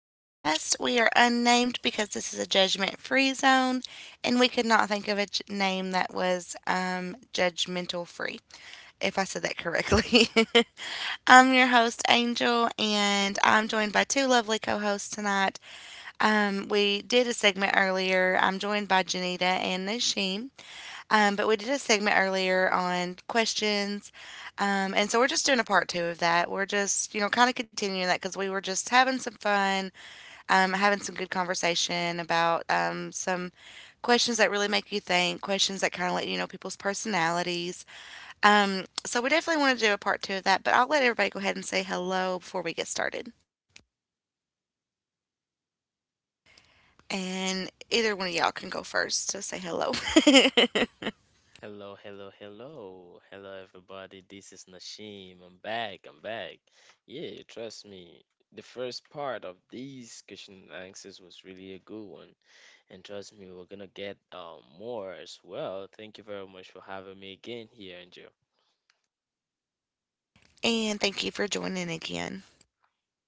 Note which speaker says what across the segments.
Speaker 1: Podcast. We are unnamed because this is a judgment free zone, and we could not think of a name that was judgmental free, if I said that correctly. I'm your host, Angel, and I'm joined by two lovely co hosts tonight. We did a segment earlier. I'm joined by Janita and Nashim. But we did a segment earlier on questions. And so we're just doing a part two of that. We're just, you know, kind of continuing that because we were just having some fun, having some good conversation about some questions that really make you think, questions that kind of let you know people's personalities. So we definitely want to do a part two of that. But I'll let everybody go ahead and say hello before we get started. And either one of y'all can go first to say hello.
Speaker 2: Hello, hello, hello. Hello, everybody. This is Nashim. I'm back. I'm back. Yeah, trust me. The first part of these question and answers was really a good one. And trust me, we're gonna get more as well. Thank you very much for having me again here, Angel.
Speaker 1: And thank you for joining again.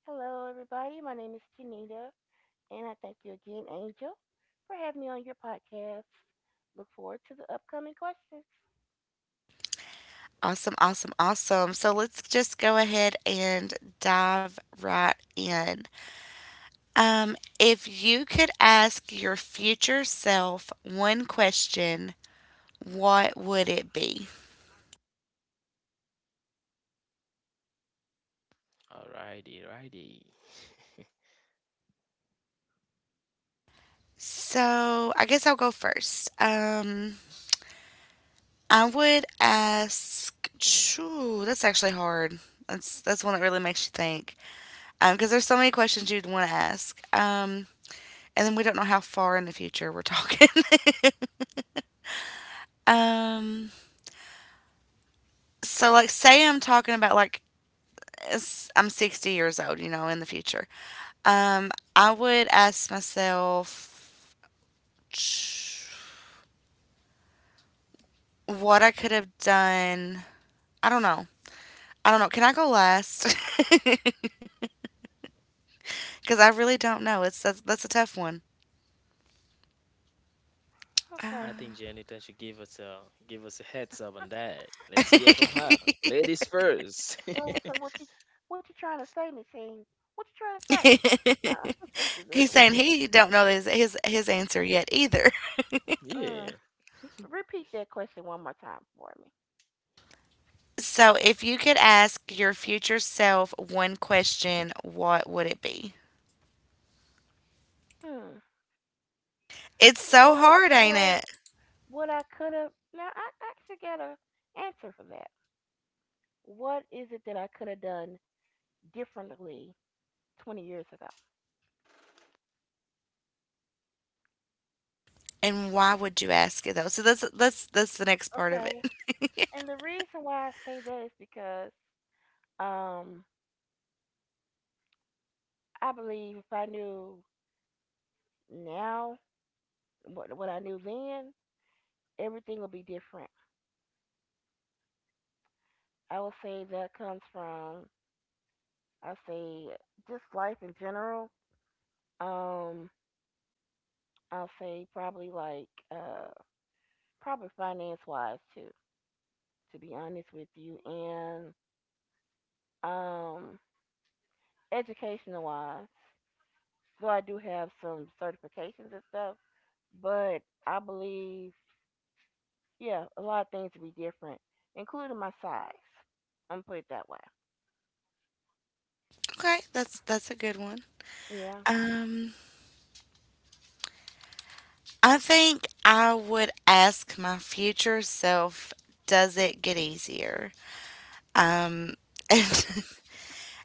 Speaker 3: Hello, everybody. My name is Janita, and I thank you again, Angel, for having me on your podcast. Look forward to the upcoming questions.
Speaker 1: Awesome, awesome, awesome. So let's just go ahead and dive right in. If you could ask your future self one question, what would it be?
Speaker 2: Alrighty, righty.
Speaker 1: So I guess I'll go first. I would ask. Shoo, that's actually hard. That's one that really makes you think. Because there's so many questions you'd want to ask. And then we don't know how far in the future we're talking. um. So like say I'm talking about like I'm 60 years old, you know, in the future, I would ask myself, what I could have done. I don't know. I don't know, can I go last? Because I really don't know. That's a tough one.
Speaker 2: I
Speaker 3: Okay.
Speaker 2: think
Speaker 1: Uh,
Speaker 2: Janita should give us a heads up on that. Let's hear from her. Ladies first.
Speaker 3: So what you trying to say, Natine? What you trying to say? Nah, I'm just
Speaker 1: he's
Speaker 3: messing with.
Speaker 1: saying he don't know his answer yet either.
Speaker 3: You.
Speaker 2: Yeah.
Speaker 3: Mm. Repeat that question one more time for me.
Speaker 1: So if you could ask your future self one question, what would it be?
Speaker 3: Hmm.
Speaker 1: It's so
Speaker 3: What
Speaker 1: hard, ain't
Speaker 3: was
Speaker 1: it?
Speaker 3: what I could have? Now I actually got a answer for that. What is it that I could have done differently 20 years ago?
Speaker 1: And why would you ask it though? So that's the next part of
Speaker 3: Okay.
Speaker 1: it.
Speaker 3: And the reason why I say that is because um, I believe if I knew now what I knew then, everything would be different. I would say that comes from, I say, just life in general. Um, I'll say probably like, probably finance wise too, to be honest with you, and um, educational wise. So I do have some certifications and stuff, but I believe yeah, a lot of things would be different, including my size. I'm put it that way.
Speaker 1: Okay, that's a good one.
Speaker 3: Yeah.
Speaker 1: Um, I think I would ask my future self, does it get easier? Um, and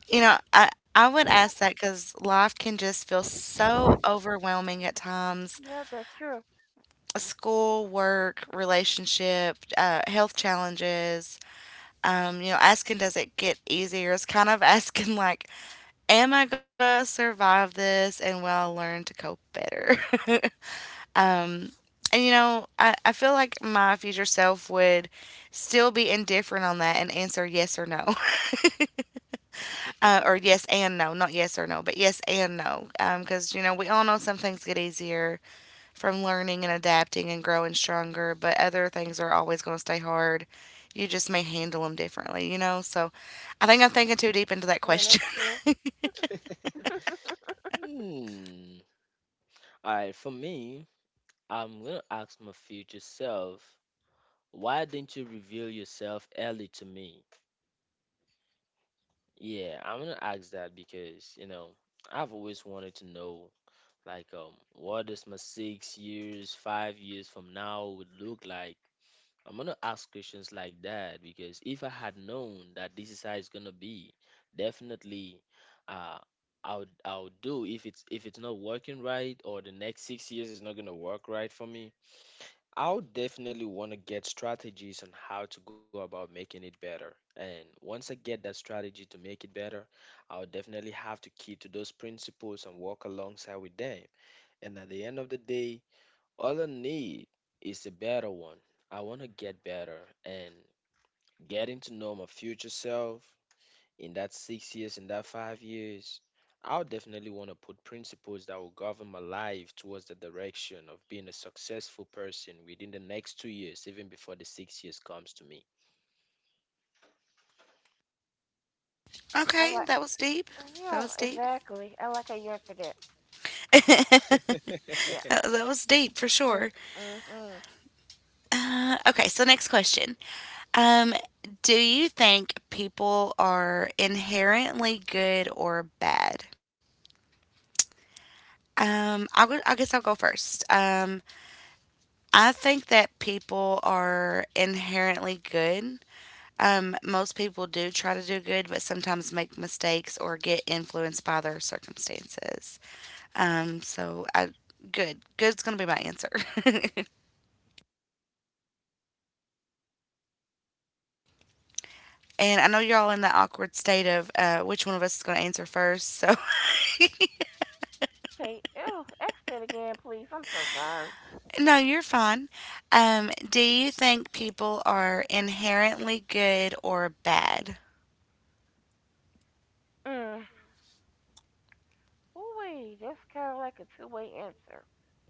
Speaker 1: you know, I would ask that because life can just feel so overwhelming at times.
Speaker 3: Yeah, that's true.
Speaker 1: School, work, relationship, health challenges, you know, asking, does it get easier? It's kind of asking, like, am I gonna survive this and will I learn to cope better? And, you know, I feel like my future self would still be indifferent on that and answer yes or no. Or yes and no, not yes or no, but yes and no. Because, you know, we all know some things get easier from learning and adapting and growing stronger, but other things are always going to stay hard. You just may handle them differently, you know? So I think I'm thinking too deep into that
Speaker 3: No,
Speaker 1: question.
Speaker 3: that's true.
Speaker 2: Hmm. All right, for me, I'm going to ask my future self, why didn't you reveal yourself early to me? Yeah, I'm going to ask that because, you know, I've always wanted to know, like, what does my 6 years, 5 years from now would look like? I'm going to ask questions like that because if I had known that this is how it's going to be, definitely, uh, I'll do if it's not working right or the next 6 years is not gonna work right for me. I'll definitely want to get strategies on how to go about making it better. And once I get that strategy to make it better, I'll definitely have to keep to those principles and work alongside with them. And at the end of the day, all I need is a better one. I want to get better, and getting to know my future self in that 6 years, in that 5 years, I'll definitely want to put principles that will govern my life towards the direction of being a successful person within the next 2 years, even before the 6 years comes to me.
Speaker 3: I
Speaker 1: Okay,
Speaker 3: like.
Speaker 1: that was deep. That
Speaker 3: Yeah,
Speaker 1: was deep.
Speaker 3: exactly. I like how you answered that. Yeah.
Speaker 1: That was deep for sure.
Speaker 3: Mm, mm-hmm.
Speaker 1: Okay, so next question. Um, do you think people are inherently good or bad? I would. I guess I'll go first. I think that people are inherently good. Most people do try to do good, but sometimes make mistakes or get influenced by their circumstances. So I Good. Good's gonna be my answer. And I know you're all in that awkward state of which one of us is gonna answer first. So
Speaker 3: Okay. Oh, ask that again, please. I'm so sorry.
Speaker 1: no, you're fine. Do you think people are inherently good or bad?
Speaker 3: Mm. Ooh, that's kind of like a two-way answer.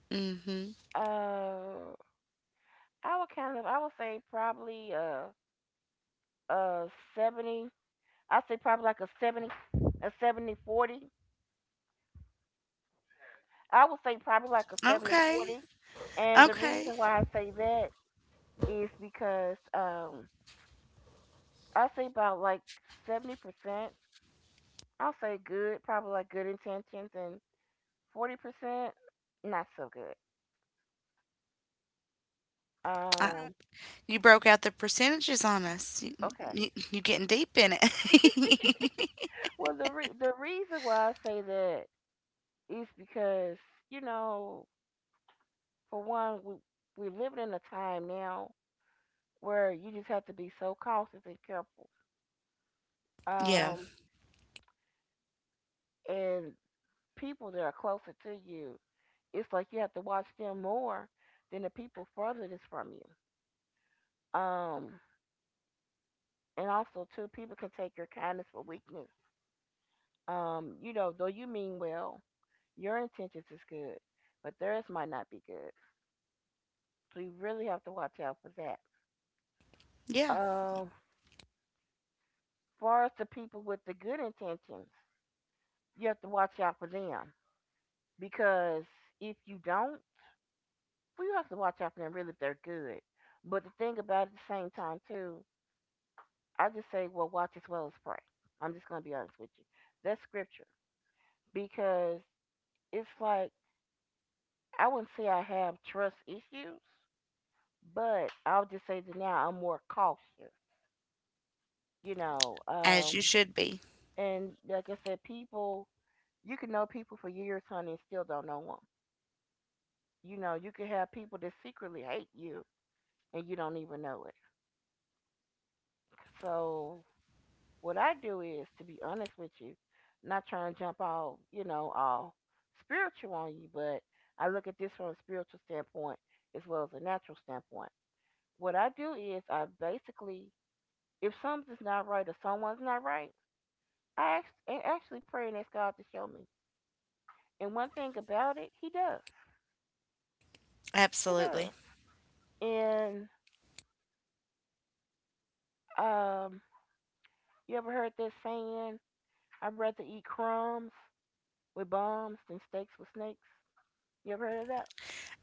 Speaker 1: Mm-hmm.
Speaker 3: Uh, I would say probably uh, 70. I'd say probably like a 70, a 70 40. I would say probably like a 70
Speaker 1: Okay.
Speaker 3: 40, And the
Speaker 1: Okay.
Speaker 3: reason why I say that is because I say about like 70%, I'll say good, probably like good intentions, and 40%, not so good.
Speaker 1: I,
Speaker 3: Um,
Speaker 1: you broke out the percentages on us.
Speaker 3: okay.
Speaker 1: You getting deep in it.
Speaker 3: Well, the reason why I say that is because, you know, for one, we, we're living in a time now where you just have to be so cautious and careful.
Speaker 1: Yeah.
Speaker 3: Um, and people that are closer to you. It's like you have to watch them more than the people furthest from you. Um, and also too, people can take your kindness for weakness. You know, though you mean well, your intentions is good, but theirs might not be good. So you really have to watch out for that.
Speaker 1: Yeah.
Speaker 3: Um, far as the people with the good intentions, you have to watch out for them because if you don't, well, you have to watch out for them really if they're good. But the thing about it, at the same time too, I just say, well, watch as well as pray. I'm just going to be honest with you. That's scripture, because it's like I wouldn't say I have trust issues, but I'll just say that now I'm more cautious, you know.
Speaker 1: As you should be.
Speaker 3: And like I said, people, you can know people for years, honey, and still don't know them. You know, you can have people that secretly hate you and you don't even know it. So what I do is, to be honest with you, not trying to jump all, you know, all spiritual on you, but I look at this from a spiritual standpoint as well as a natural standpoint. What I do is, I basically, if something's not right or someone's not right, I actually pray and ask God to show me. And one thing about it, He does. He
Speaker 1: Absolutely.
Speaker 3: does. And um, you ever heard that saying, I'd rather eat crumbs with bombs than steaks with snakes? You ever heard of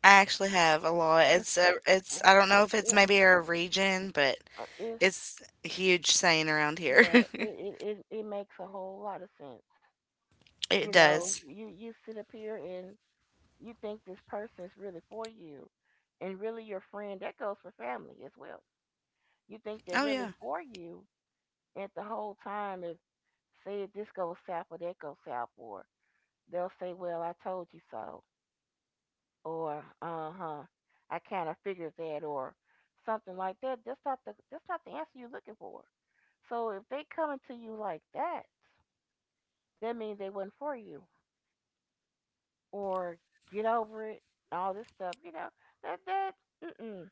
Speaker 1: I actually have a lot.
Speaker 3: that?
Speaker 1: It's I don't know if it's
Speaker 3: Yeah,
Speaker 1: maybe our region, but
Speaker 3: if
Speaker 1: it's a huge saying around here.
Speaker 3: yeah, it makes a whole lot of sense. You
Speaker 1: It
Speaker 3: know,
Speaker 1: does.
Speaker 3: you sit up here and you think this person's really for you, and really your friend. That goes for family as well. You think they're
Speaker 1: Oh
Speaker 3: really
Speaker 1: yeah.
Speaker 3: for you, and the whole time, if say if this goes south or that goes south, or they'll say, "Well, I told you so," or "Uh huh, I kind of figured that," or something like that. That's not the answer you're looking for. So if they coming to you like that, that means they wasn't for you, or get over it, all this stuff, you know, that mm-mm.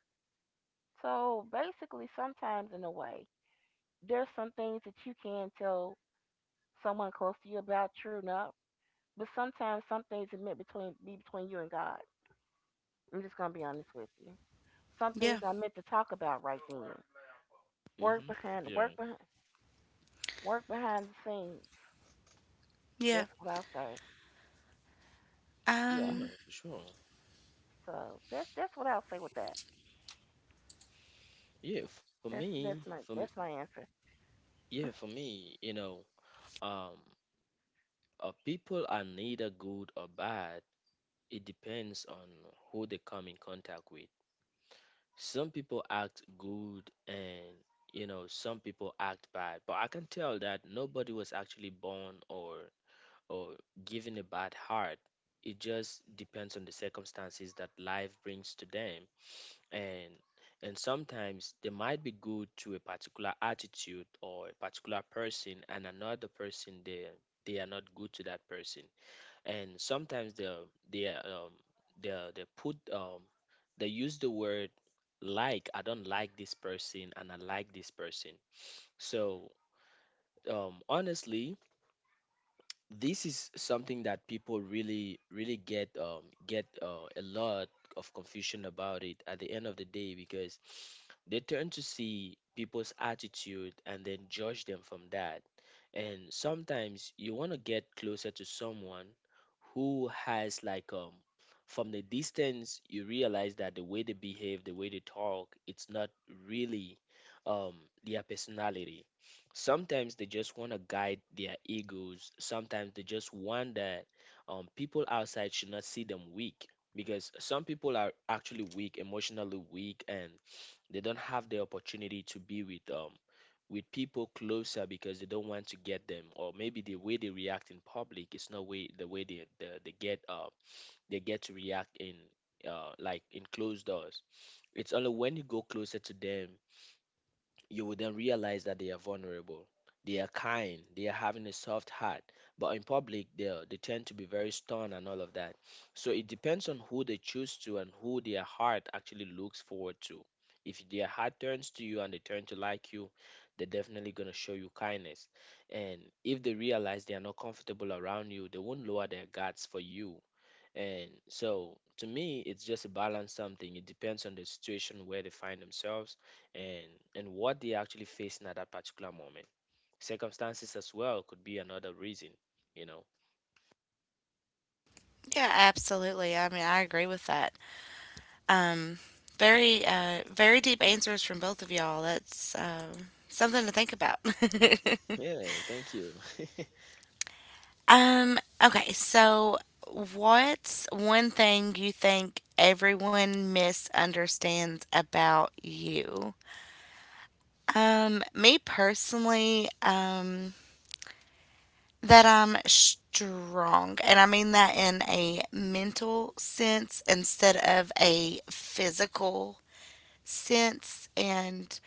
Speaker 3: So basically sometimes in a way, there's some things that you can tell someone close to you about true enough, but sometimes some things are meant between be between you and God. I'm just gonna be honest with you. Some
Speaker 1: Yeah.
Speaker 3: things I meant to talk about right then, work
Speaker 2: Hmm.
Speaker 3: behind
Speaker 2: Yeah,
Speaker 3: work behind work behind the scenes.
Speaker 1: Yeah.
Speaker 3: That's what I'll say. Yeah.
Speaker 2: yeah,
Speaker 1: Um
Speaker 2: for sure.
Speaker 3: So that's what I'll say with that.
Speaker 2: Yeah, for
Speaker 3: that's
Speaker 2: me,
Speaker 3: that's my that's my answer.
Speaker 2: yeah, for me, you know, um, people are neither good or bad. It depends on who they come in contact with. Some people act good, and you know some people act bad, but I can tell that nobody was actually born or or given a bad heart. It just depends on the circumstances that life brings to them. And and sometimes they might be good to a particular attitude or a particular person, and another person, they are not good to that person. And sometimes they um they put they use the word, like, I don't like this person and I like this person. So, honestly, this is something that people really really get a lot of confusion about it at the end of the day, because they tend to see people's attitude and then judge them from that. And sometimes you want to get closer to someone who has, like, from the distance you realize that the way they behave, the way they talk, it's not really, um their personality. Sometimes they just want to guide their egos, sometimes they just want that people outside should not see them weak, because some people are actually weak, emotionally weak, and they don't have the opportunity to be with people closer because they don't want to get them, or maybe the way they react in public is not way the way they get they get to react in, like, in closed doors. It's only when you go closer to them, you will then realize that they are vulnerable. They are kind. They are having a soft heart. But in public, they tend to be very stern and all of that. So it depends on who they choose to and who their heart actually looks forward to. If their heart turns to you and they turn to like you, they're definitely gonna show you kindness. And if they realize they are not comfortable around you, they won't lower their guards for you. And so to me, it's just a balance something. It depends on the situation where they find themselves, and what they're actually facing at that particular moment. Circumstances as well could be another reason, you know.
Speaker 1: yeah, absolutely. I mean, I agree with that. Um Very very deep answers from both of y'all. That's something to think about.
Speaker 2: Yeah, thank you.
Speaker 1: Okay, so what's one thing you think everyone misunderstands about you? Me personally, that I'm strong, and I mean that in a mental sense instead of a physical sense, and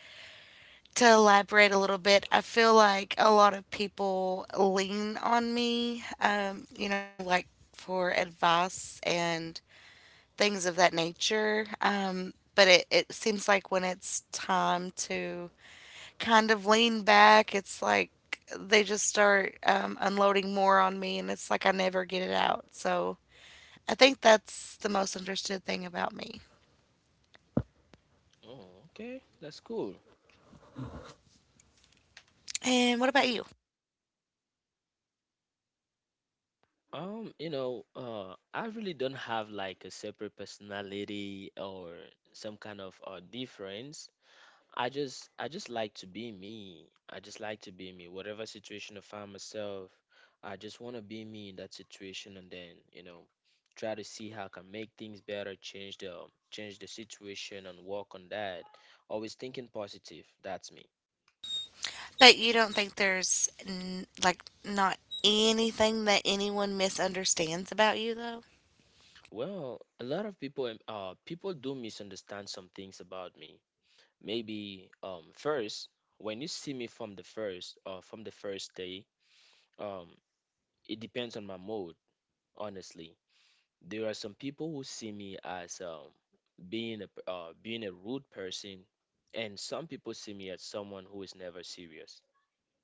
Speaker 1: to elaborate a little bit, I feel like a lot of people lean on me, you know, like for advice and things of that nature. But it seems like when it's time to kind of lean back, it's like they just start unloading more on me, and it's like I never get it out. So I think that's the most interested thing about me.
Speaker 2: Oh, okay, that's cool.
Speaker 1: And what about you?
Speaker 2: You know, I really don't have like a separate personality or some kind of difference. I just like to be me. I just like to be me. Whatever situation I find myself, I just want to be me in that situation, and then, you know, try to see how I can make things better, change the situation and work on that. Always thinking positive. That's me.
Speaker 1: But you don't think there's like not anything that anyone misunderstands about you though?
Speaker 2: Well, a lot of people people do misunderstand some things about me. Maybe first, when you see me from the first day, um it depends on my mood, honestly. There are some people who see me as being a rude person, and some people see me as someone who is never serious.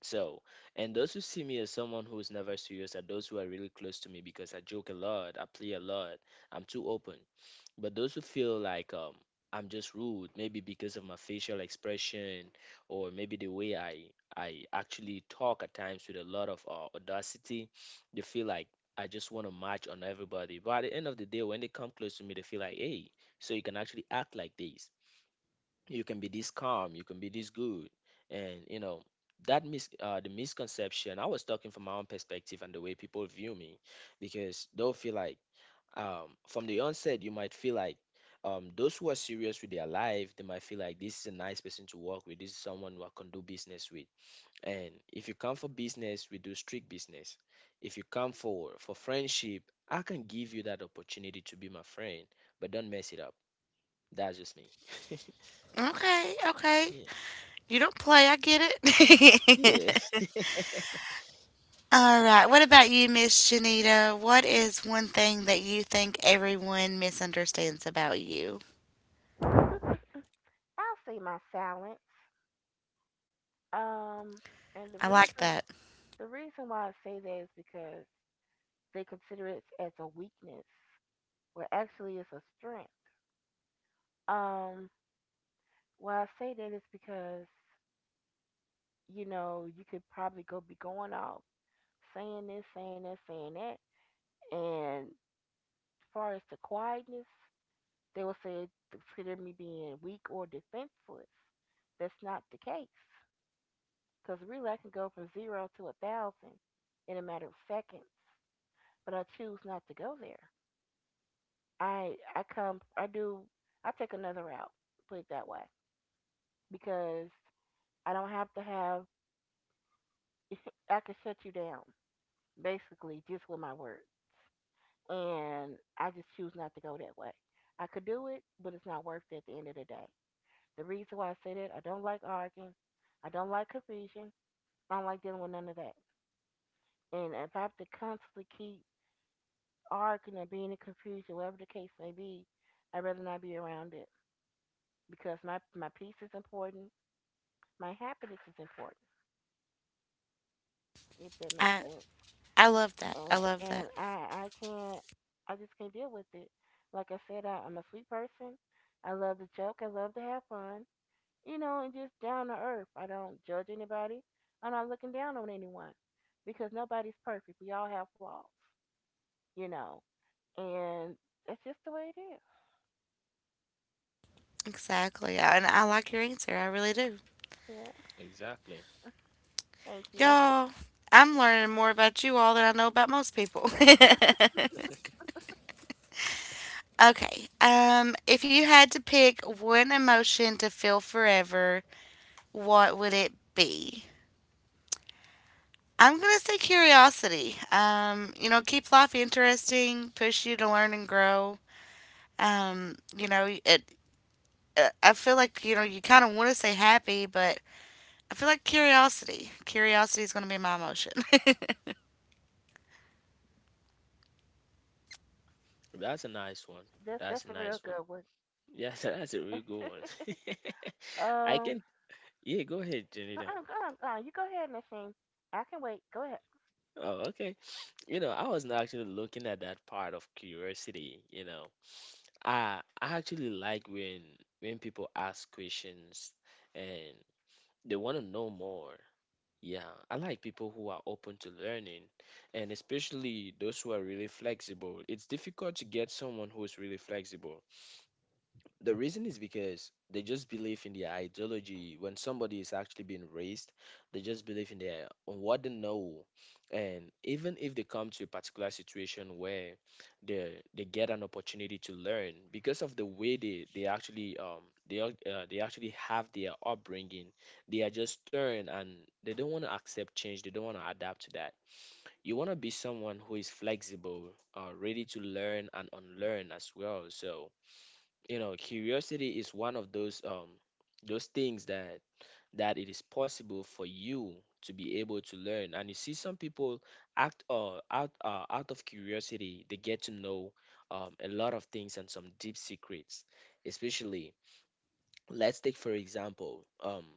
Speaker 2: So, and those who see me as someone who is never serious are those who are really close to me, because I joke a lot, I play a lot, I'm too open. But those who feel like, I'm just rude, maybe because of my facial expression, or maybe the way I actually talk at times with a lot of audacity, they feel like I just want to march on everybody. But at the end of the day, when they come close to me, they feel like, hey, so you can actually act like this. You can be this calm. You can be this good. And you know that mis the misconception. I was talking from my own perspective and the way people view me, because they'll feel like, from the onset, you might feel like, those who are serious with their life, they might feel like this is a nice person to work with. This is someone who I can do business with. And if you come for business, we do strict business. If you come for friendship, I can give you that opportunity to be my friend, but don't mess it up. That's just me.
Speaker 1: Okay, okay.
Speaker 2: Yeah.
Speaker 1: You don't play, I get
Speaker 2: Yeah.
Speaker 1: it. All right. What about you, Miss Janita? What is one thing that you think everyone misunderstands about you?
Speaker 3: I'll say my silence. Um, and the
Speaker 1: I like
Speaker 3: reason
Speaker 1: that.
Speaker 3: the reason why I say that is because they consider it as a weakness, where actually it's a strength. Um, why I say that is because you know you could probably go be going off saying this, saying that, and as far as the quietness, they will say consider me being weak or defenseless. That's not the case. Because really I can go from zero to a thousand in a matter of seconds. But I choose not to go there. I come I do I take another route, put it that way. Because I don't have to have I can shut you down, basically, just with my words. And I just choose not to go that way. I could do it, but it's not worth it at the end of the day. The reason why I say that, I don't like arguing. I don't like confusion. I don't like dealing with none of that. And if I have to constantly keep arguing or being in confusion, whatever the case may be, I'd rather not be around it because my peace is important, my happiness is important, if that makes
Speaker 1: I
Speaker 3: sense.
Speaker 1: I love that. I
Speaker 3: And
Speaker 1: love that.
Speaker 3: I can't I just can't deal with it. Like I said, I'm a sweet person. I love to joke. I love to have fun. You know, and just down to earth. I don't judge anybody. I'm not looking down on anyone because nobody's perfect. We all have flaws, you know. And that's just the way it is.
Speaker 1: Exactly. And I like your answer. I really do.
Speaker 3: Yeah.
Speaker 2: Exactly.
Speaker 3: Thank you.
Speaker 1: Y'all, I'm learning more about you all than I know about most people. Okay. If you had to pick one emotion to feel forever, what would it be? I'm gonna say curiosity. You know, keep life interesting, push you to learn and grow. You know, it. I feel like, you know, you kind of want to say happy, but I feel like curiosity. Curiosity is gonna be my emotion.
Speaker 2: That's a nice one.
Speaker 3: That's
Speaker 2: That's a
Speaker 3: a real
Speaker 2: nice one.
Speaker 3: good one.
Speaker 2: Yeah, that's a really good one. I
Speaker 3: um,
Speaker 2: can. Yeah, go ahead, Janita.
Speaker 3: uh-uh, go on, go on. You go ahead, Nasheen. I can wait. Go ahead.
Speaker 2: Oh, okay. You know, I wasn't actually looking at that part of curiosity, you know. I actually like when people ask questions and they want to know more. Yeah, I like people who are open to learning, and especially those who are really flexible. It's difficult to get someone who's really flexible. The reason is because they just believe in their ideology. When somebody is actually being raised, they just believe in their on what they know, and even if they come to a particular situation where they get an opportunity to learn, because of the way they actually they actually have their upbringing, they are just stern and they don't want to accept change. They don't want to adapt to that. You want to be someone who is flexible, ready to learn and unlearn as well. So you know curiosity is one of those things that it is possible for you to be able to learn. And you see some people act out of curiosity, they get to know a lot of things and some deep secrets, especially, let's take for example,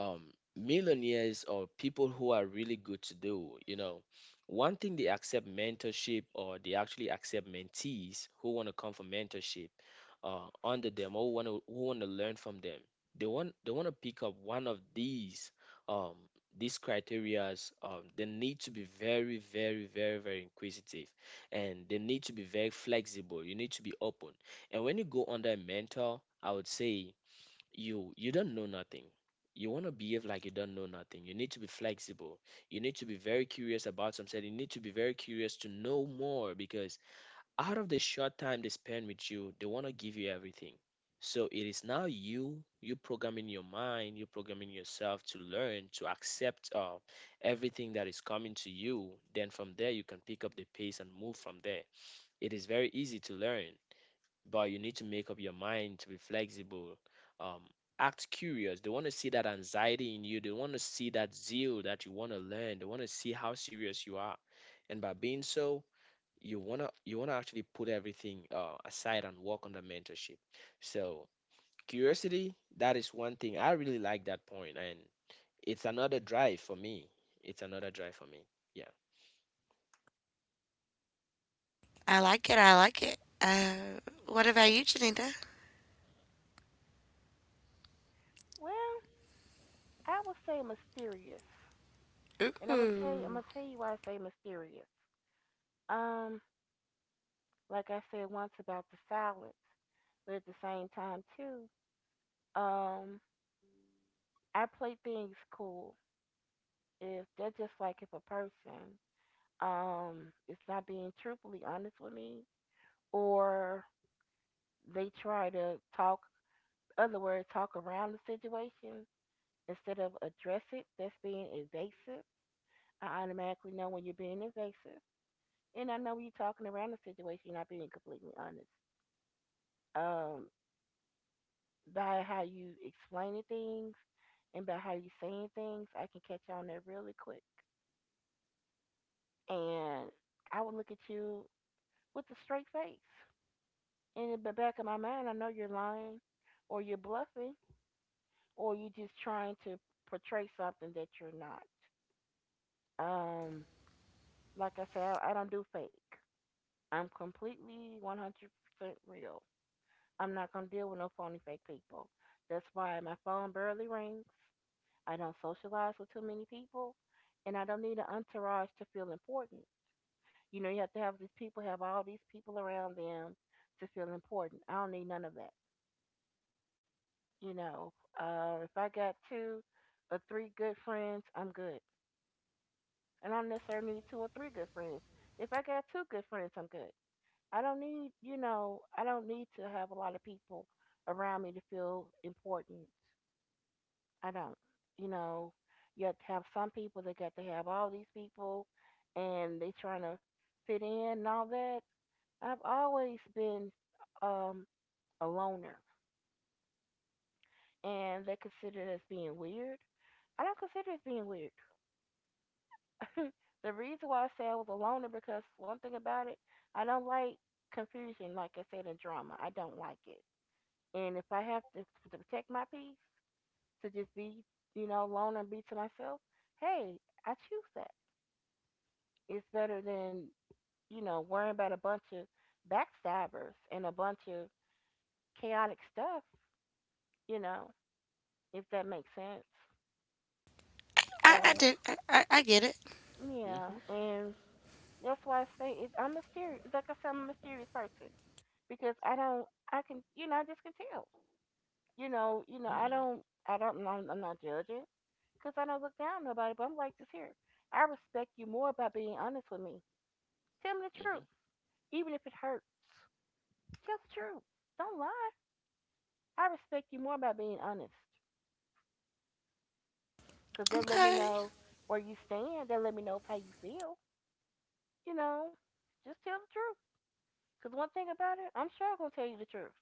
Speaker 2: um millionaires or people who are really good to do, you know, one thing, they accept mentorship, or they actually accept mentees who want to come for mentorship under them, or who want to learn from them. They want to pick up one of um these criterias. They need to be very very very very inquisitive, and they need to be very flexible. You need to be open. And when you go under a mentor, I would say you don't know nothing. You want to behave like you don't know nothing. You need to be flexible. You need to be very curious about something. You need to be very curious to know more, because out of the short time they spend with you, they want to give you everything. So it is now you programming your mind, you programming yourself to learn, to accept, everything that is coming to you. Then from there, you can pick up the pace and move from there. It is very easy to learn, but you need to make up your mind to be flexible, um, act curious. They want to see that anxiety in you, they want to see that zeal that you want to learn, they want to see how serious you are. And by being so, you wanna actually put everything aside and work on the mentorship. So curiosity, that is one thing. I really like that point, and it's another drive for me. It's another drive for me. Yeah.
Speaker 1: I like it. I like it. What about you, Janita?
Speaker 3: Well, I would say mysterious, and I'm gonna tell you. I'm
Speaker 1: Ooh,
Speaker 3: gonna tell you why I say mysterious. Um, like I said once about the silence, but at the same time too, um, I play things cool. If they're just like if a person, is not being truthfully honest with me, or they try to talk other words, talk around the situation instead of address it, that's being evasive. I automatically know when you're being evasive, and I know when you're talking around the situation. You're not being completely honest. Um, by how you explaining things and by how you saying things, I can catch on there really quick. And I would look at you with a straight face. And in the back of my mind, I know you're lying, or you're bluffing, or you're just trying to portray something that you're not. Um, Like I said, I don't do fake. I'm completely 100% real. I'm not going to deal with no phony fake people. That's why my phone barely rings. I don't socialize with too many people. And I don't need an entourage to feel important. You know, you have to have these people, have all these people around them to feel important. I don't need none of that. You know, if I got two or three good friends, I'm good. And I don't necessarily need two or three good friends. If I got two good friends, I'm good. I don't need, you know, I don't need to have a lot of people around me to feel important. I don't, you know. You have to have some people that got to have all these people and they trying to fit in and all that. I've always been um, a loner, and they consider it as being weird. I don't consider it being weird. the reason why I say I was a loner because one thing about it, I don't like confusion, like I said, in drama. I don't like it. And if I have to protect my peace, to just be, you know, alone and be to myself, hey, I choose that. It's better than, you know, worrying about a bunch of backstabbers and a bunch of chaotic stuff, you know, if that makes sense.
Speaker 1: I
Speaker 3: Uh,
Speaker 1: do. I get it.
Speaker 3: yeah,
Speaker 2: Mm-hmm.
Speaker 3: and that's why I say it, I'm mysterious. Like I said, I'm a mysterious person because I don't, you know, I just can tell. You know,
Speaker 2: Mm-hmm.
Speaker 3: I don't, I'm not judging, cause I don't look down on nobody. But I'm like this here. I respect you more by being honest with me. Tell me the truth, even if it hurts. Tell the truth. Don't lie. I respect you more by being honest, cause they'll let me
Speaker 1: Okay,
Speaker 3: know where you stand. They'll let me know how you feel. You know, just tell the truth. Cause one thing about it, I'm sure I'm gonna tell you the truth.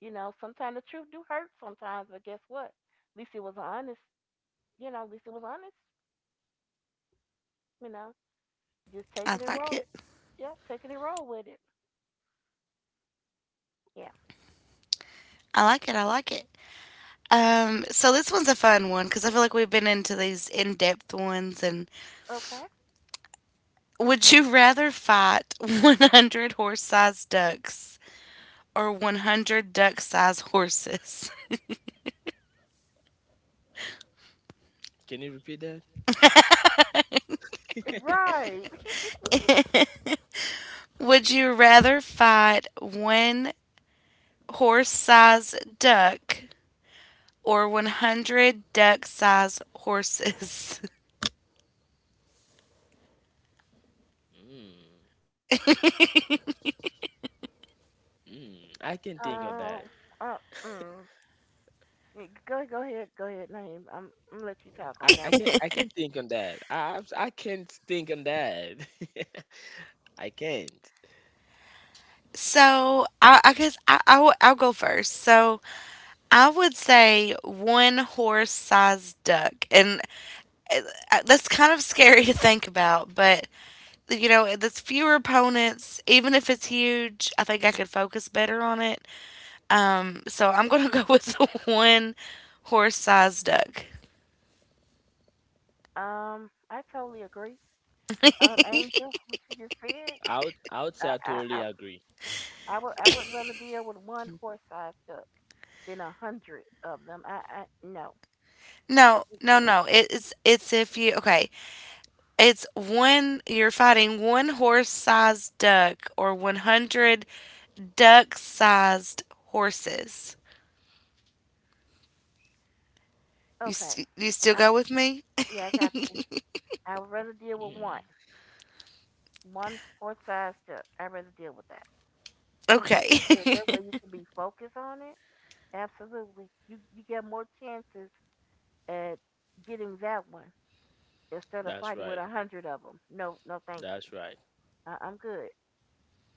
Speaker 3: You know, sometimes the truth do hurt sometimes, but guess what? At least it was honest. You know, at least it was honest. You know. Just
Speaker 1: I
Speaker 3: taking it
Speaker 1: like
Speaker 3: roll.
Speaker 1: it.
Speaker 3: Yeah, taking it roll with it. Yeah.
Speaker 1: I like it. I like it. So this one's a fun one because I feel like we've been into these in-depth ones. And
Speaker 3: Okay.
Speaker 1: would you rather fight 100 horse-sized ducks or 100 duck-sized horses?
Speaker 2: Can you repeat that?
Speaker 3: Right.
Speaker 1: Would you rather fight one horse-sized duck or 100 duck-sized horses?
Speaker 2: Mm, I can think on
Speaker 3: Um.
Speaker 2: that.
Speaker 3: Uh. Mm. Yeah, go ahead. Go ahead. Name. I'm. I'm gonna let you talk
Speaker 2: I,
Speaker 3: on
Speaker 2: I
Speaker 3: that one.
Speaker 2: can I can think on that. I can't think on that. I can't.
Speaker 1: So I'll go first. So I would say one horse-sized duck, and that's kind of scary to think about, but you know, there's fewer opponents. Even if it's huge, I think I could focus better on it. So I'm gonna go with the one horse sized duck.
Speaker 3: I totally agree. Angel, what you just said.
Speaker 2: I would say I
Speaker 3: I.
Speaker 2: totally
Speaker 3: I.
Speaker 2: agree.
Speaker 3: I would rather deal with one horse-sized duck than a hundred of them. I no.
Speaker 1: No, no,
Speaker 3: Because—
Speaker 1: no. It's if you okay. It's one, you're fighting one horse sized duck or 100 duck sized horses.
Speaker 3: Okay.
Speaker 1: You still
Speaker 3: I,
Speaker 1: go with me?
Speaker 3: yeah, I got you. I would rather deal with one,
Speaker 2: Mm,
Speaker 3: one horse-sized duck. I'd rather deal with that. Like
Speaker 1: Okay.
Speaker 3: I said, that way you can be focused on it. Absolutely. You get more chances at getting that one instead of
Speaker 2: that's
Speaker 3: fighting with
Speaker 2: right.
Speaker 3: a hundred of them. No, no, thank you.
Speaker 2: That's right.
Speaker 3: I'm good.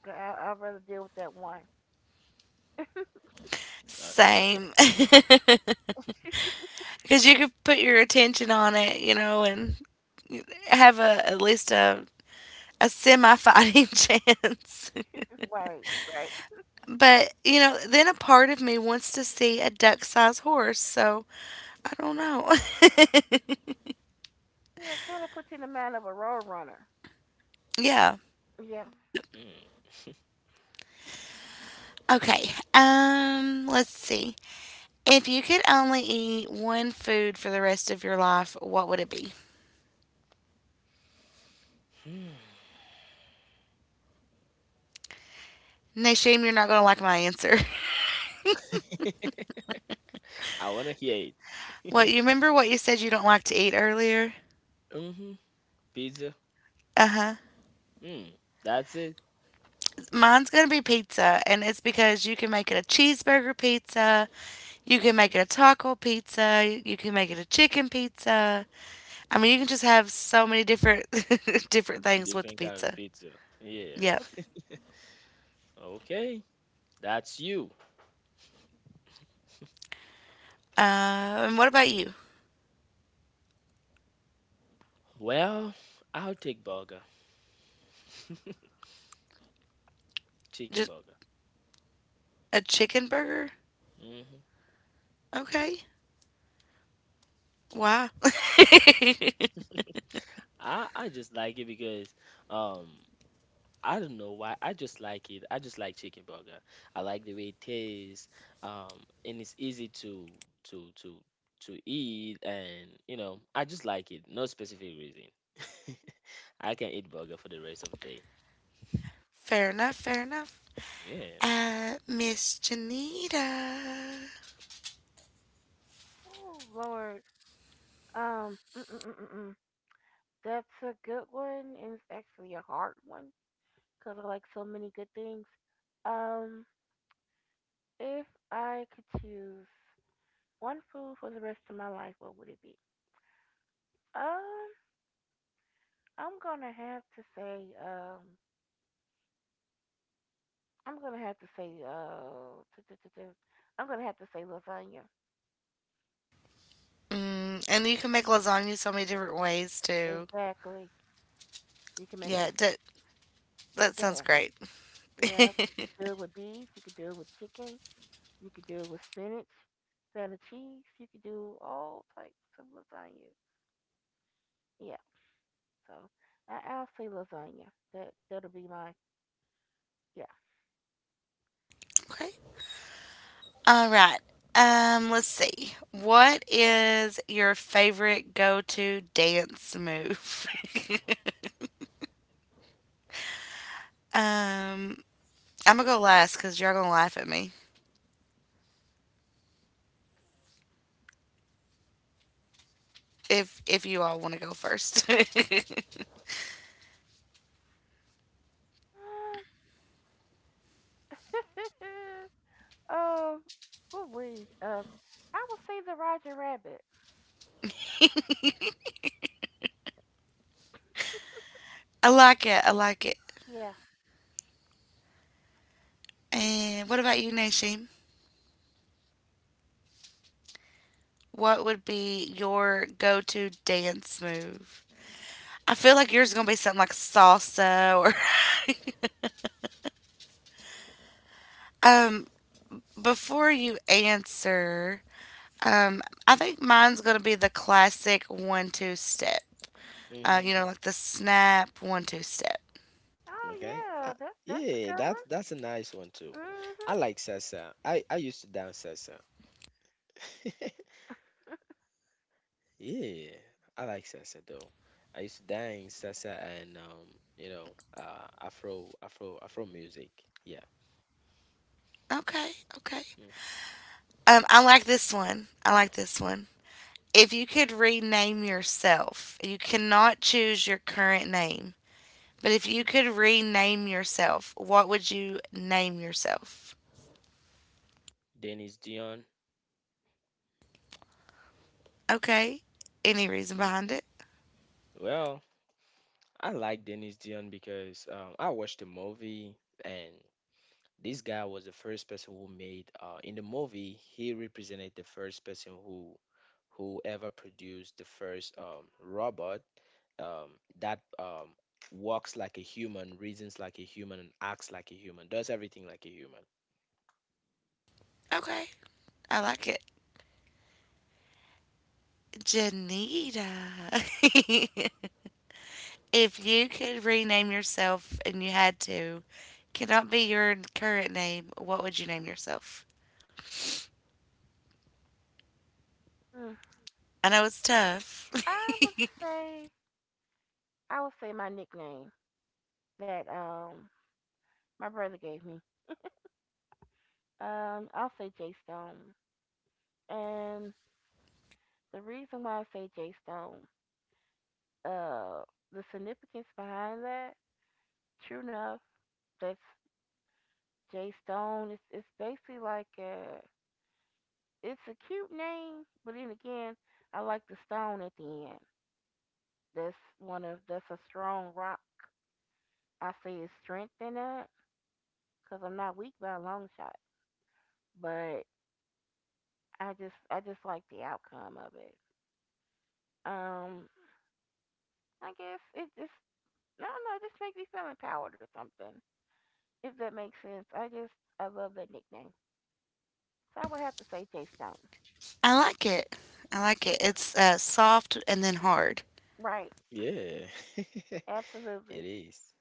Speaker 3: I'd rather deal with that one.
Speaker 2: That's right.
Speaker 1: Same. Because you could put your attention on it, you know, and have a at least a semi fighting chance.
Speaker 3: Right, right.
Speaker 1: But you know, then a part of me wants to see a duck sized horse, so I don't know.
Speaker 3: Yeah, it kind of puts you in the mind of a road runner.
Speaker 1: Yeah.
Speaker 3: Yeah.
Speaker 1: Yep.
Speaker 2: Mm.
Speaker 1: Okay. Let's see. If you could only eat one food for the rest of your life, what would it be? No shame, you're not gonna like my answer.
Speaker 2: I wanna hear
Speaker 1: Well,
Speaker 2: it.
Speaker 1: you remember what you said you don't like to eat earlier?
Speaker 2: Hmm. Pizza.
Speaker 1: Uh huh.
Speaker 2: Mm. That's it.
Speaker 1: Mine's gonna be pizza, and it's because you can make it a cheeseburger pizza, you can
Speaker 2: Mm,
Speaker 1: make it a taco pizza, you can make it a chicken pizza. I mean, you can just have so many different different things with the
Speaker 2: different kind of
Speaker 1: pizza.
Speaker 2: pizza. Yeah.
Speaker 1: Yep.
Speaker 2: Okay. That's you.
Speaker 1: And what about you?
Speaker 2: Well, I'll take burger. Chicken
Speaker 1: Just
Speaker 2: burger.
Speaker 1: a chicken burger?
Speaker 2: Hmm.
Speaker 1: Okay. Wow.
Speaker 2: I just like it because um I don't know why. I just like it. I just like chicken burger. I like the way it tastes. Um, and it's easy to to to to eat, and you know, I just like it. No specific reason. I can eat burger for the rest of the day.
Speaker 1: Fair enough. Fair enough.
Speaker 2: Yeah.
Speaker 1: Miss Janita.
Speaker 3: Oh Lord. Um. Mm, mm, mm, mm, mm. That's a good one, and it's actually a hard one because I like so many good things. Um. If I could choose one food for the rest of my life, what would it be? Um, I'm gonna have to say, I'm gonna have to say, tu- tu- tu- tu- I'm gonna have to say lasagna.
Speaker 1: Mm, and you can make lasagna so many different ways too.
Speaker 3: Exactly. You can make a s-
Speaker 1: Yeah, that, that
Speaker 3: Go
Speaker 1: sounds
Speaker 3: ahead.
Speaker 1: great.
Speaker 3: Yeah, you can do it with beef. You could do it with chicken. You could do it with spinach, feta cheese. You could do all types of lasagna. Yeah. So I'll say lasagna. That'll be my yeah.
Speaker 1: Okay. All right. Let's see. What is your favorite go-to dance move? um, I'm gonna go last because y'all gonna laugh at me if you all want to go first.
Speaker 3: Uh, well, we, uh, I would say the Roger Rabbit.
Speaker 1: I like it. I like it.
Speaker 3: Yeah.
Speaker 1: And what about you, Nashim? What would be your go-to dance move? I feel like yours is gonna be something like salsa or. um, before you answer, Um, I think mine's gonna be the classic one-two step.
Speaker 2: Mm-hmm.
Speaker 1: You know, like the snap one-two step.
Speaker 3: Oh
Speaker 2: Okay.
Speaker 3: yeah, that's a
Speaker 2: Yeah,
Speaker 3: good
Speaker 2: that's a nice one too.
Speaker 3: one.
Speaker 2: I like salsa. I used to dance salsa. Yeah, I like salsa though. I used to dance salsa and you know, Afro music. Yeah,
Speaker 1: Okay, okay.
Speaker 2: mm.
Speaker 1: I like this one. I like this one. If you could rename yourself, you cannot choose your current name. But if you could rename yourself, what would you name yourself?
Speaker 2: Dennis Dion.
Speaker 1: Okay. Any reason
Speaker 2: Mm.
Speaker 1: behind it?
Speaker 2: Well, I like Dennis Dion because I watched the movie and this guy was the first person who made in the movie he represented the first person who ever produced the first robot um, that walks like a human, reasons like a human, and acts like a human, does everything like a human.
Speaker 1: Okay. I like it. Janita. If you could rename yourself and you had to, cannot be your current name, what would you name yourself?
Speaker 3: Mhm. Mm.
Speaker 1: I know it's tough.
Speaker 3: I would say my nickname that my brother gave me. I'll say J Stone, and the reason why I say J Stone, uh, the significance behind that, true enough, that's J Stone. It's basically like it's a cute name, but then again, I like the stone at the end. That's one of that's a strong rock. I see his strength in that because I'm not weak by a long shot, but I just like the outcome of it. Um, I guess it just I don't know. It just makes me feel empowered or something. If that makes sense. I just I love that nickname. So I would have to say Jay Stone.
Speaker 1: I like it. I like it. It's soft and then hard.
Speaker 3: Right.
Speaker 2: Yeah, it
Speaker 3: Absolutely.
Speaker 2: is.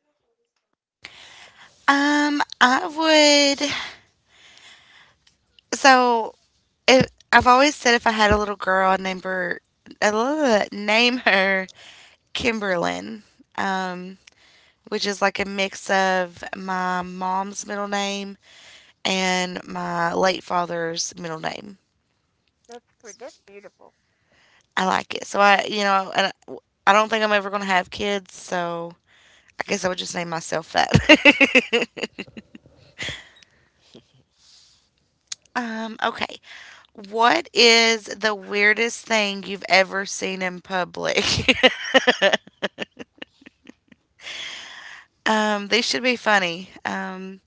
Speaker 1: Um, I would. So, if, I've always said if I had a little girl, I'd name her, uh, name her Kimberlyn, um, which is like a mix of my mom's middle name and my late father's middle name.
Speaker 3: That's pretty. That's beautiful.
Speaker 1: I like it. So you know, and I don't think I'm ever going to have kids, so I guess I would just name myself that. Um, okay. What is the weirdest thing you've ever seen in public? Um, these should be funny. Um,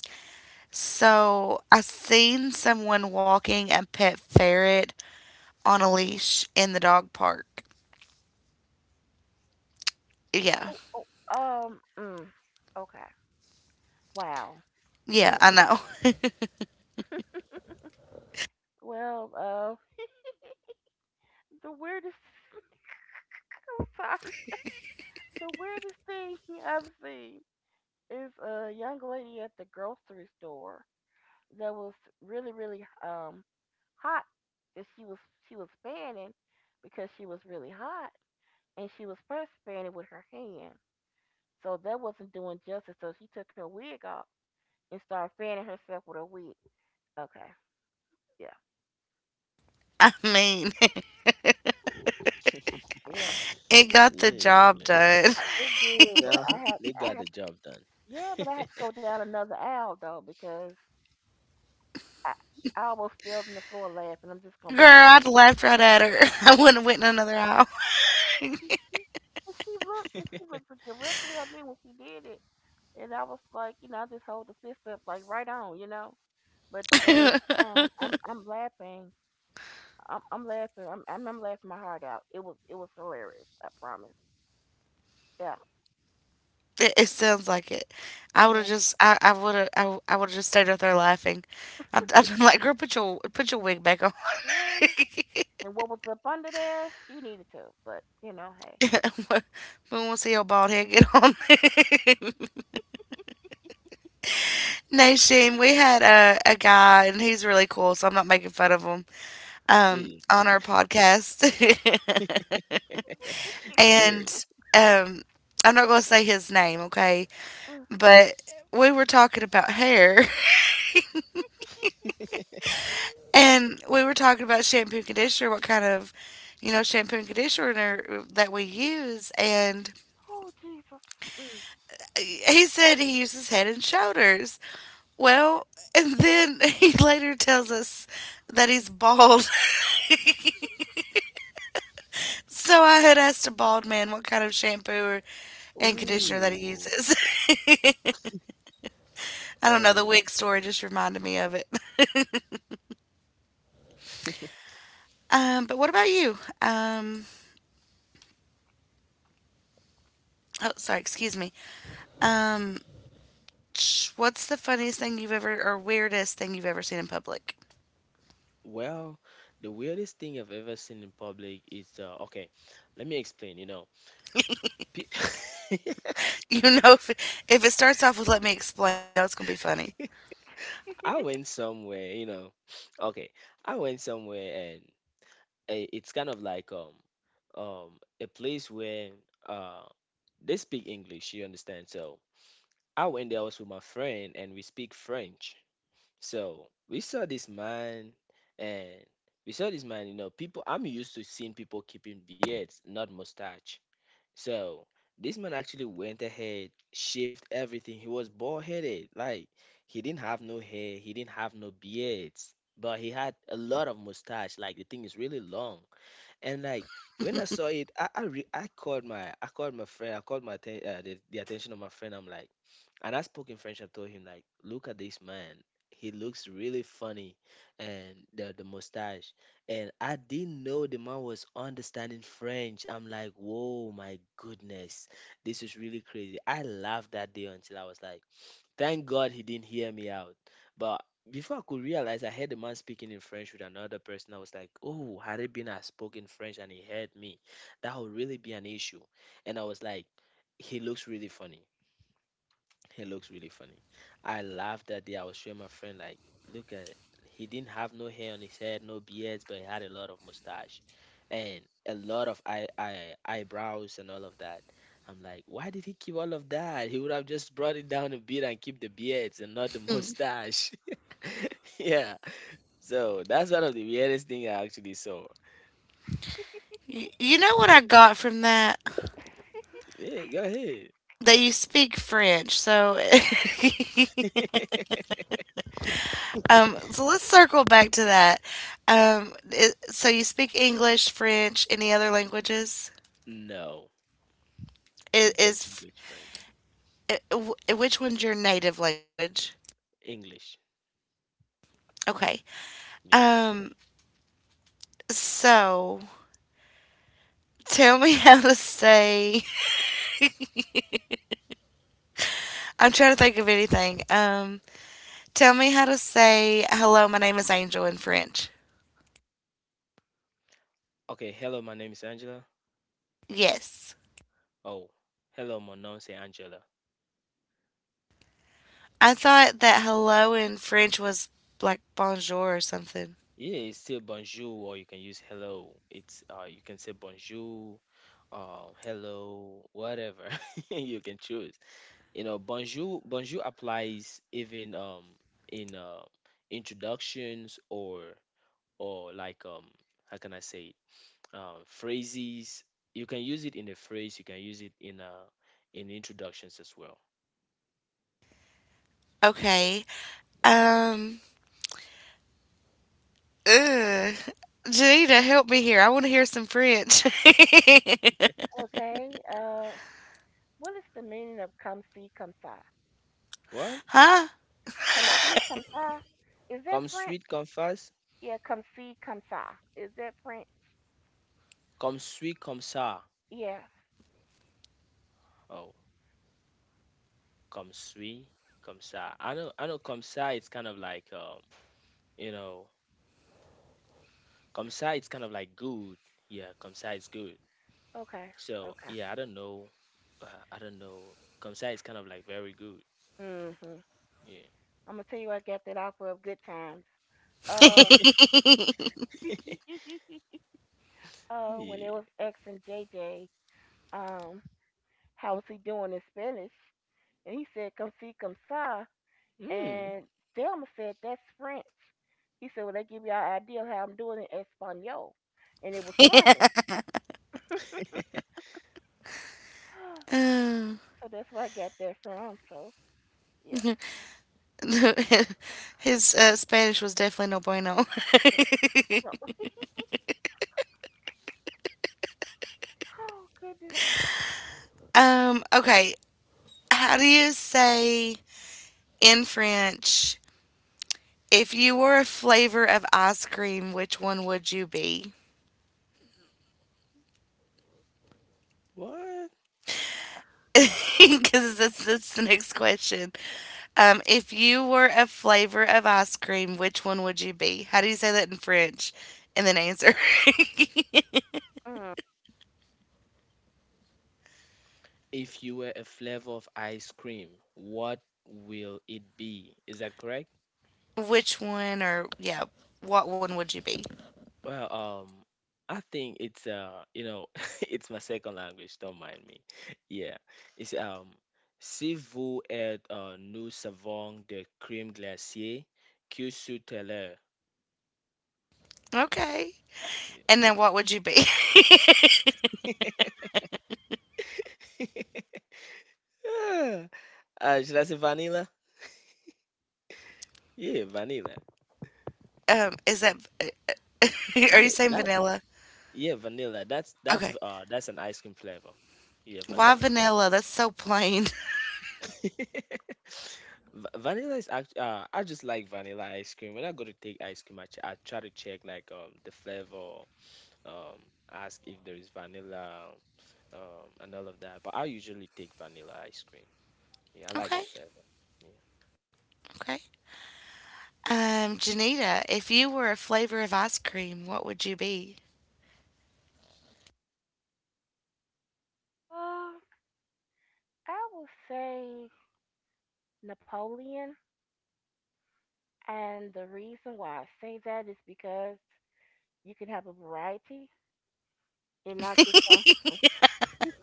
Speaker 1: so I seen someone walking a pet ferret on a leash in the dog park. Yeah.
Speaker 3: Oh. oh um. Mm, okay. Wow.
Speaker 1: Yeah,
Speaker 3: Mm,
Speaker 1: I know.
Speaker 3: well. The weirdest. I'm so sorry. The weirdest thing I've seen is a young lady at the grocery store that was really, really hot. That she was fanning because she was really hot, and she was first fanning with her hand. So that wasn't doing justice. So she took her wig off and started fanning herself with her wig. Okay, yeah,
Speaker 1: I mean,
Speaker 3: yeah,
Speaker 1: it got
Speaker 2: Yeah,
Speaker 1: the
Speaker 2: yeah, yeah.
Speaker 1: job done.
Speaker 3: it did.
Speaker 2: Yeah.
Speaker 3: But
Speaker 2: Uh-huh. They got
Speaker 3: I
Speaker 2: the
Speaker 3: had to
Speaker 2: job done.
Speaker 3: yeah, but I had to go down another aisle though because I I almost fell on the floor laughing. I'm just gonna
Speaker 1: Girl,
Speaker 3: be honest.
Speaker 1: I'd laughed right at her. I wouldn't have went in another aisle.
Speaker 3: Well, she and she looked directly at me when she did it, and I was like, you know, I just hold the fist up like right on, you know. But at the same
Speaker 1: it,
Speaker 3: time, I'm laughing. I'm laughing. I'm laughing my heart out. It was hilarious. I promise. Yeah.
Speaker 1: it sounds like it. I would have
Speaker 3: Yeah.
Speaker 1: just, I would have, I would have just stayed out there laughing. I'd been like, girl, put put your wig back on.
Speaker 3: Ooh. And what was up under there? She needed to, but you know, hey.
Speaker 1: We won't see your bald head get on. Nation, we had a guy, and he's really cool, so I'm not making fun of him,
Speaker 2: Yeah,
Speaker 1: on our podcast.
Speaker 2: yeah.
Speaker 1: And um, I'm not going to say his name, okay?
Speaker 3: Mm.
Speaker 1: But we were talking about hair. And we were talking about shampoo and conditioner, what kind of, you know, shampoo and conditioner that we use. And
Speaker 3: Oh Jesus. Mm.
Speaker 1: he said he uses Head and Shoulders. Well, and then he later tells us that he's bald. So I had asked a bald man what kind of shampoo or, and conditioner that he
Speaker 2: Ooh,
Speaker 1: uses. I don't know. The
Speaker 2: oh.
Speaker 1: wig story just reminded me of it. But what about you? Oh, sorry. Excuse me. Um, What's the funniest thing you've ever or weirdest thing you've ever seen in public?
Speaker 2: Well, the weirdest thing I've ever seen in public is okay. Let me explain. You know, pe-
Speaker 1: You know, if it starts off with "Let me explain," you know it's gonna be funny.
Speaker 2: I went somewhere. You know, okay, I went somewhere and a, it's kind of like um a place where uh they speak English, you understand? So I went there. I was with my friend and we speak French. So we saw this man and we saw this man, you know, people I'm used to seeing people keeping beards, not mustache. So this man actually went ahead, shaved everything. He was bald headed. Like he didn't have no hair, he didn't have no beards. But he had a lot of mustache. Like the thing is really long. And like when I saw it, I called my friend. I called my atten- the attention of my friend. I'm like, and I spoke in French. I told him, like, look at this man. He looks really funny, and the mustache. And I didn't know the man was understanding French. I'm like, whoa, my goodness, this is really crazy. I laughed that day until I was like, thank God he didn't hear me out. But before I could realize, I heard the man speaking in French with another person. I was like, oh, had it been I spoke in French and he heard me, that would really be an issue. And I was like, he looks really funny. He looks really funny. I laughed that day. I was showing my friend, like, look at, he didn't have no hair on his head, no beards, but he had a lot of mustache and a lot of eyebrows and all of that. I'm like, why did he keep all of that? He would have just brought it down a bit and keep the beards and not the
Speaker 1: Mm.
Speaker 2: mustache. Yeah. So that's one of the weirdest thing I actually saw.
Speaker 1: You know what I got from that?
Speaker 2: Yeah, go ahead.
Speaker 1: That you speak French. So, so let's circle back to that. I so you speak English, French, any other languages?
Speaker 2: No,
Speaker 1: Is,
Speaker 2: just
Speaker 1: is
Speaker 2: English French.
Speaker 1: which one's your native language?
Speaker 2: English.
Speaker 1: Okay.
Speaker 2: Yeah.
Speaker 1: Um, so tell me how to say I'm trying to think of anything. Tell me how to say hello. My name is Angel in French.
Speaker 2: Okay, hello, my name is Angela.
Speaker 1: Yes,
Speaker 2: Oh, hello, my name is Angela.
Speaker 1: I thought that hello in French was like bonjour or something.
Speaker 2: Yeah, it's still bonjour, or you can use hello. It's you can say bonjour, hello, whatever you can choose. You know, bonjour, bonjour applies even in introductions or like how can I say it? Phrases. You can use it in a phrase. You can use it in introductions as well.
Speaker 1: Okay. Um. Ugh. Janita, help me here. I want to hear some French.
Speaker 3: Okay. What is the meaning of come see, come sigh?
Speaker 2: What?
Speaker 1: Huh?
Speaker 3: Come see, come saw. Is that
Speaker 2: Come
Speaker 3: French?
Speaker 2: sweet, come fast.
Speaker 3: Yeah, come see, come saw. Is that French?
Speaker 2: Come sweet, come sour.
Speaker 3: Yeah.
Speaker 2: Oh. Kamsui, Kamsa. I know Kamsa. It's kind of like you know, Kamsa, it's kind of like good. Yeah, Kamsa is good.
Speaker 3: Okay.
Speaker 2: So
Speaker 3: Okay.
Speaker 2: yeah, I don't know. I don't know. Kamsa is kind of like very good.
Speaker 3: Mhm.
Speaker 2: Yeah.
Speaker 3: I'm gonna tell you where I got that off of Good Times. Uh, when it
Speaker 2: Yeah.
Speaker 3: was asking J. J, um, how was he doing in Spanish? And he said, "Come see, come saw."
Speaker 2: Hmm.
Speaker 3: And Thelma said, "That's French." He said, "Well, that give you an idea of how I'm doing in Espanol," and it was funny.
Speaker 1: Um,
Speaker 3: So that's where I got that from. So yeah.
Speaker 1: his Spanish was definitely no bueno.
Speaker 3: So, oh goodness.
Speaker 1: um. Okay. How do you say in French, if you were a flavor of ice cream, which one would you be?
Speaker 2: What?
Speaker 1: Because that's the next question. If you were a flavor of ice cream, which one would you be? How do you say that in French? And then answer.
Speaker 3: Mm.
Speaker 2: If you were a flavor of ice cream, what will it be? Is that correct?
Speaker 1: Which one or, yeah, what one would you be?
Speaker 2: Well, I think it's you know, it's my second language. Don't mind me. Yeah, it's si vous êtes euh, nous savons de crème glacée que sous l'heure.
Speaker 1: Okay. And then what would you be?
Speaker 2: Yeah. Should I say vanilla? Yeah, vanilla.
Speaker 1: Is that, are you
Speaker 2: Yeah,
Speaker 1: saying
Speaker 2: that.
Speaker 1: vanilla?
Speaker 2: Yeah, vanilla.
Speaker 1: Okay.
Speaker 2: That's an ice cream flavor. Yeah,
Speaker 1: Why
Speaker 2: vanilla.
Speaker 1: vanilla? That's so plain.
Speaker 2: Vanilla is act. I just like vanilla ice cream. When I go to take ice cream, I try to check like the flavor, um ask if there is vanilla, and all of that. But I usually take vanilla ice cream. Yeah, I like the
Speaker 1: Okay.
Speaker 2: flavor. Yeah.
Speaker 1: Okay. Janita, if you were a flavor of ice cream, what would you be?
Speaker 3: Uh, I will say Napoleon, and the reason why I say that is because you can have a variety and not just one,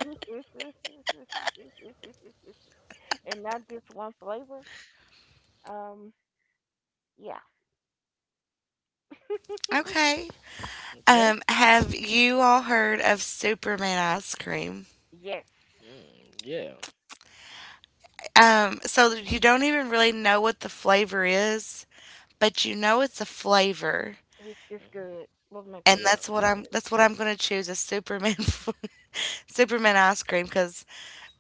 Speaker 3: and not just one flavor. Um, yeah,
Speaker 1: Okay.
Speaker 2: Okay.
Speaker 1: Have you all heard of Superman ice cream?
Speaker 3: yes,
Speaker 2: Mm, yeah.
Speaker 1: So you don't even really know what the flavor is, but you know it's a flavor,
Speaker 3: it's
Speaker 2: Hmm.
Speaker 3: good. Oh my
Speaker 1: and
Speaker 3: goodness,
Speaker 2: Yeah.
Speaker 1: That's what I'm going to choose as Superman. Superman ice cream because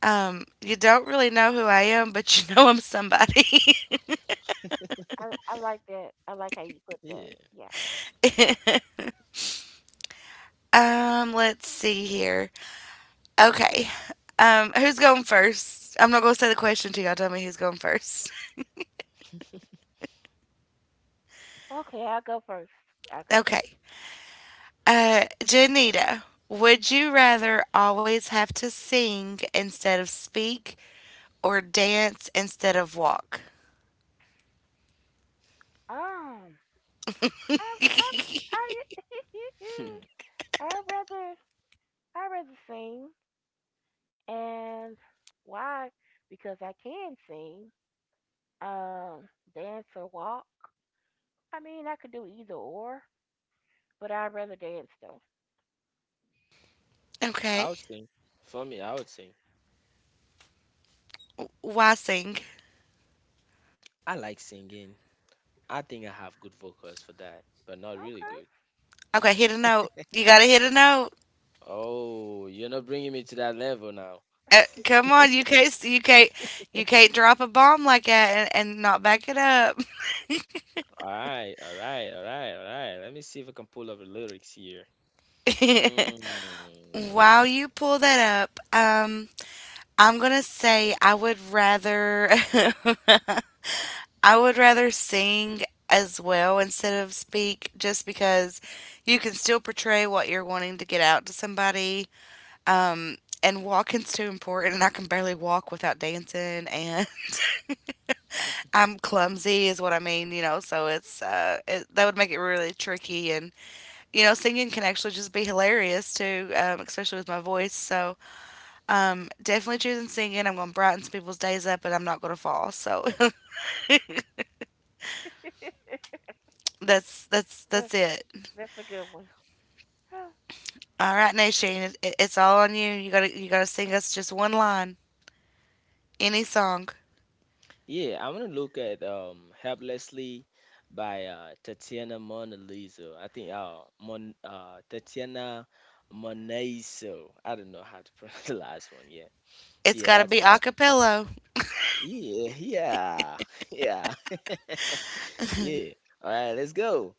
Speaker 1: you don't really know who I am, but you know I'm somebody.
Speaker 3: I like that. I like how you put that.
Speaker 2: Yeah.
Speaker 3: Yeah.
Speaker 1: Let's see here. Okay. Who's going first? I'm not going to say the question to y'all. Tell me who's going first.
Speaker 3: Okay, I'll go first. I'll go.
Speaker 1: Okay. Janita, would you rather always have to sing instead of speak or dance instead of walk?
Speaker 3: Um, I I I. I'd rather I'd rather sing and why? Because I can sing, um, dance or walk. I mean I could do either or, but I'd rather dance though.
Speaker 2: I
Speaker 1: Okay.
Speaker 2: would sing. For me, I would sing.
Speaker 1: Why sing?
Speaker 2: I like singing. I think I have good vocals for that, but not really
Speaker 3: Okay.
Speaker 2: good.
Speaker 1: Okay, hit a note. You gotta hit a note.
Speaker 2: Oh, you're not bringing me to that level now.
Speaker 1: Come on, you can't drop a bomb like that and not back it up.
Speaker 2: All right, all right, all right, all right. Let me see if I can pull up the lyrics here. Mm.
Speaker 1: While you pull that up, I'm gonna say I would rather I would rather sing as well instead of speak just because you can still portray what you're wanting to get out to somebody. Um, and walking's too important and I can barely walk without dancing and I'm clumsy is what I mean, you know, so that would make it really tricky, and you know, singing can actually just be hilarious too, especially with my voice. So definitely choosing singing. I'm gonna brighten some people's days up, and I'm not gonna fall. So
Speaker 3: That's
Speaker 1: that's it.
Speaker 3: a good one. Oh,
Speaker 1: All right, Nation, it's all on you. You gotta sing us just one line, any song.
Speaker 2: Yeah, I want to look at "Helplessly" by Tatiana Monalizo. I think Mon Tatiana Monaiso. I don't know how to pronounce the last one. Yeah,
Speaker 1: It's
Speaker 2: yeah,
Speaker 1: gotta
Speaker 2: that's
Speaker 1: be a
Speaker 2: that.
Speaker 1: cappella.
Speaker 2: Yeah, yeah, yeah, yeah. All right, let's go.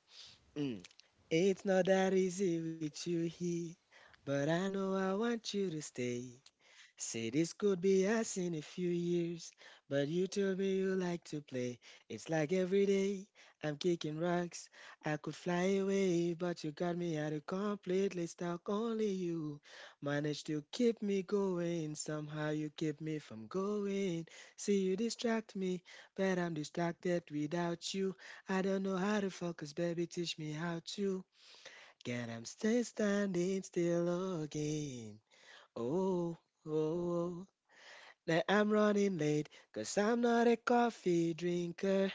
Speaker 2: Mm. It's not that easy with you here, but I know I want you to stay. Say this could be us in a few years, but you told me you like to play. It's like every day I'm kicking rocks. I could fly away, but you got me at a completely stuck. Only you managed to keep me going. Somehow you keep me from going. See, you distract me, but I'm distracted without you. I don't know how to focus, baby. Teach me how to. Get I'm still standing still again. Oh, oh, oh, that I'm running late, cause I'm not a coffee drinker.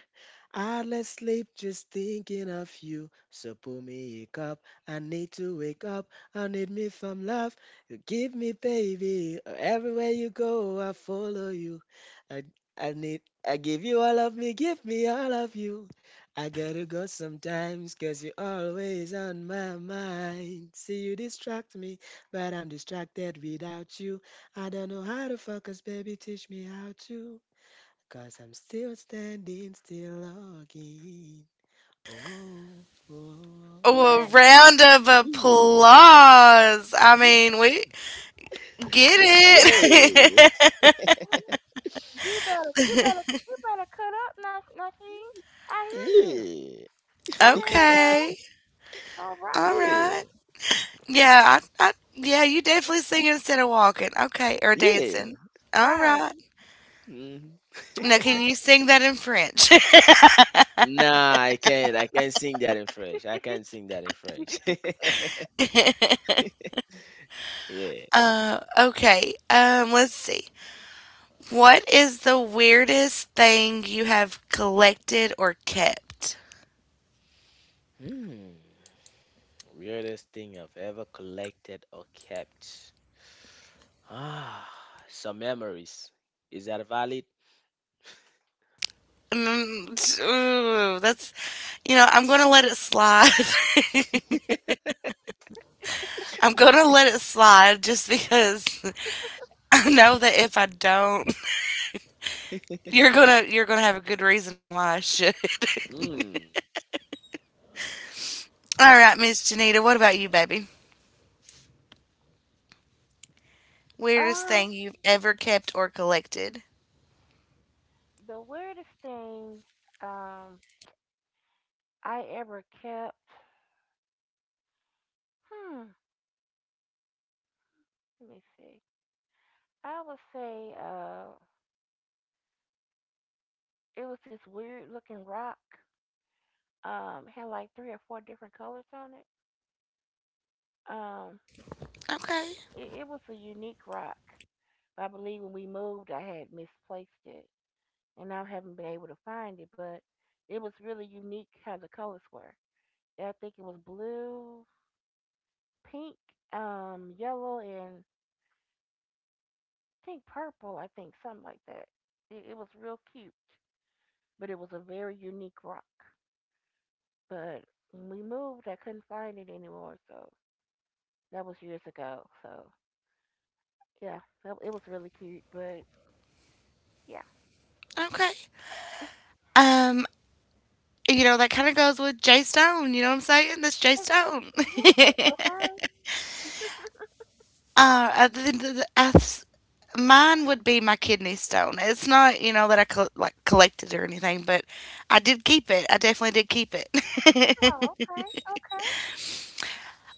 Speaker 2: I less sleep just thinking of you. So pull me a cup. I need to wake up. I need me from love. You give me, baby. Everywhere you go, I follow you. I, I need, I give you all of me. Give me all of you. I gotta go sometimes, cause you're always on my mind. See, you distract me, but I'm distracted without you. I don't know how to focus, baby. Teach me how to. Cause I'm still standing, still logging. Oh, oh,
Speaker 1: Oh, a
Speaker 3: man,
Speaker 2: oh.
Speaker 1: round of
Speaker 2: Yeah.
Speaker 1: applause. I
Speaker 3: you
Speaker 1: mean, we get
Speaker 3: you, uh,
Speaker 2: Yeah.
Speaker 1: it.
Speaker 3: you better you better cut up, Nasheen. I hear you.
Speaker 2: Yeah.
Speaker 3: Go ahead
Speaker 1: Okay,
Speaker 3: now. All
Speaker 1: all
Speaker 3: right.
Speaker 1: right.
Speaker 2: Yeah.
Speaker 1: Yeah, I yeah, you definitely sing instead of walking. Okay, or
Speaker 2: Yeah.
Speaker 1: dancing. All
Speaker 3: Right.
Speaker 1: right.
Speaker 2: Mhm.
Speaker 1: Now, can you
Speaker 3: Okay.
Speaker 1: sing that in French?
Speaker 2: Nah, I can't. I can't sing that in French. I can't sing that in French. Yeah.
Speaker 1: Okay. Let's see. What is the weirdest thing you have collected or kept?
Speaker 2: Hmm. Weirdest thing I've ever collected or kept. Ah, some memories. Is that valid?
Speaker 1: Ooh, that's, you know, I'm gonna let it slide. I'm gonna let it slide just because I know that if I don't, you're gonna have a good reason on why I should. All right, Miss Janita, what about you, baby? Weirdest
Speaker 3: Uh,
Speaker 1: thing you've ever kept or collected?
Speaker 3: the weirdest thing um I ever kept. Hmm. Let me see. I would say it was this weird looking rock. Had like three or four different colors on it. Um,
Speaker 1: Okay.
Speaker 3: it was a unique rock. I believe when we moved, I had misplaced it, and I haven't been able to find it. But it was really unique how the colors were. I think it was blue, pink, yellow, and I think purple. I think something like that. It was real cute. But it was a very unique rock. But when we moved, I couldn't find it anymore, so that was years ago. So yeah, it was really cute, but yeah.
Speaker 1: Okay. Um, you know, that kind of goes with Jay Stone. You know what I'm saying? That's Jay Stone.
Speaker 3: Okay.
Speaker 1: I think the- I s- mine would be my kidney stone. It's not, you know, that I col like collected or anything, but I did keep it. I definitely did keep
Speaker 3: Oh,
Speaker 1: it.
Speaker 3: okay. Okay.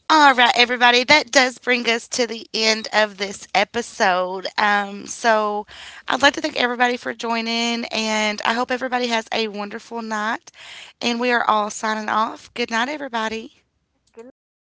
Speaker 1: All right, everybody, that does bring us to the end of this episode. I'd like to thank everybody for joining, and I hope everybody has a wonderful night. And we are all signing off. Good night, everybody.
Speaker 3: Good night.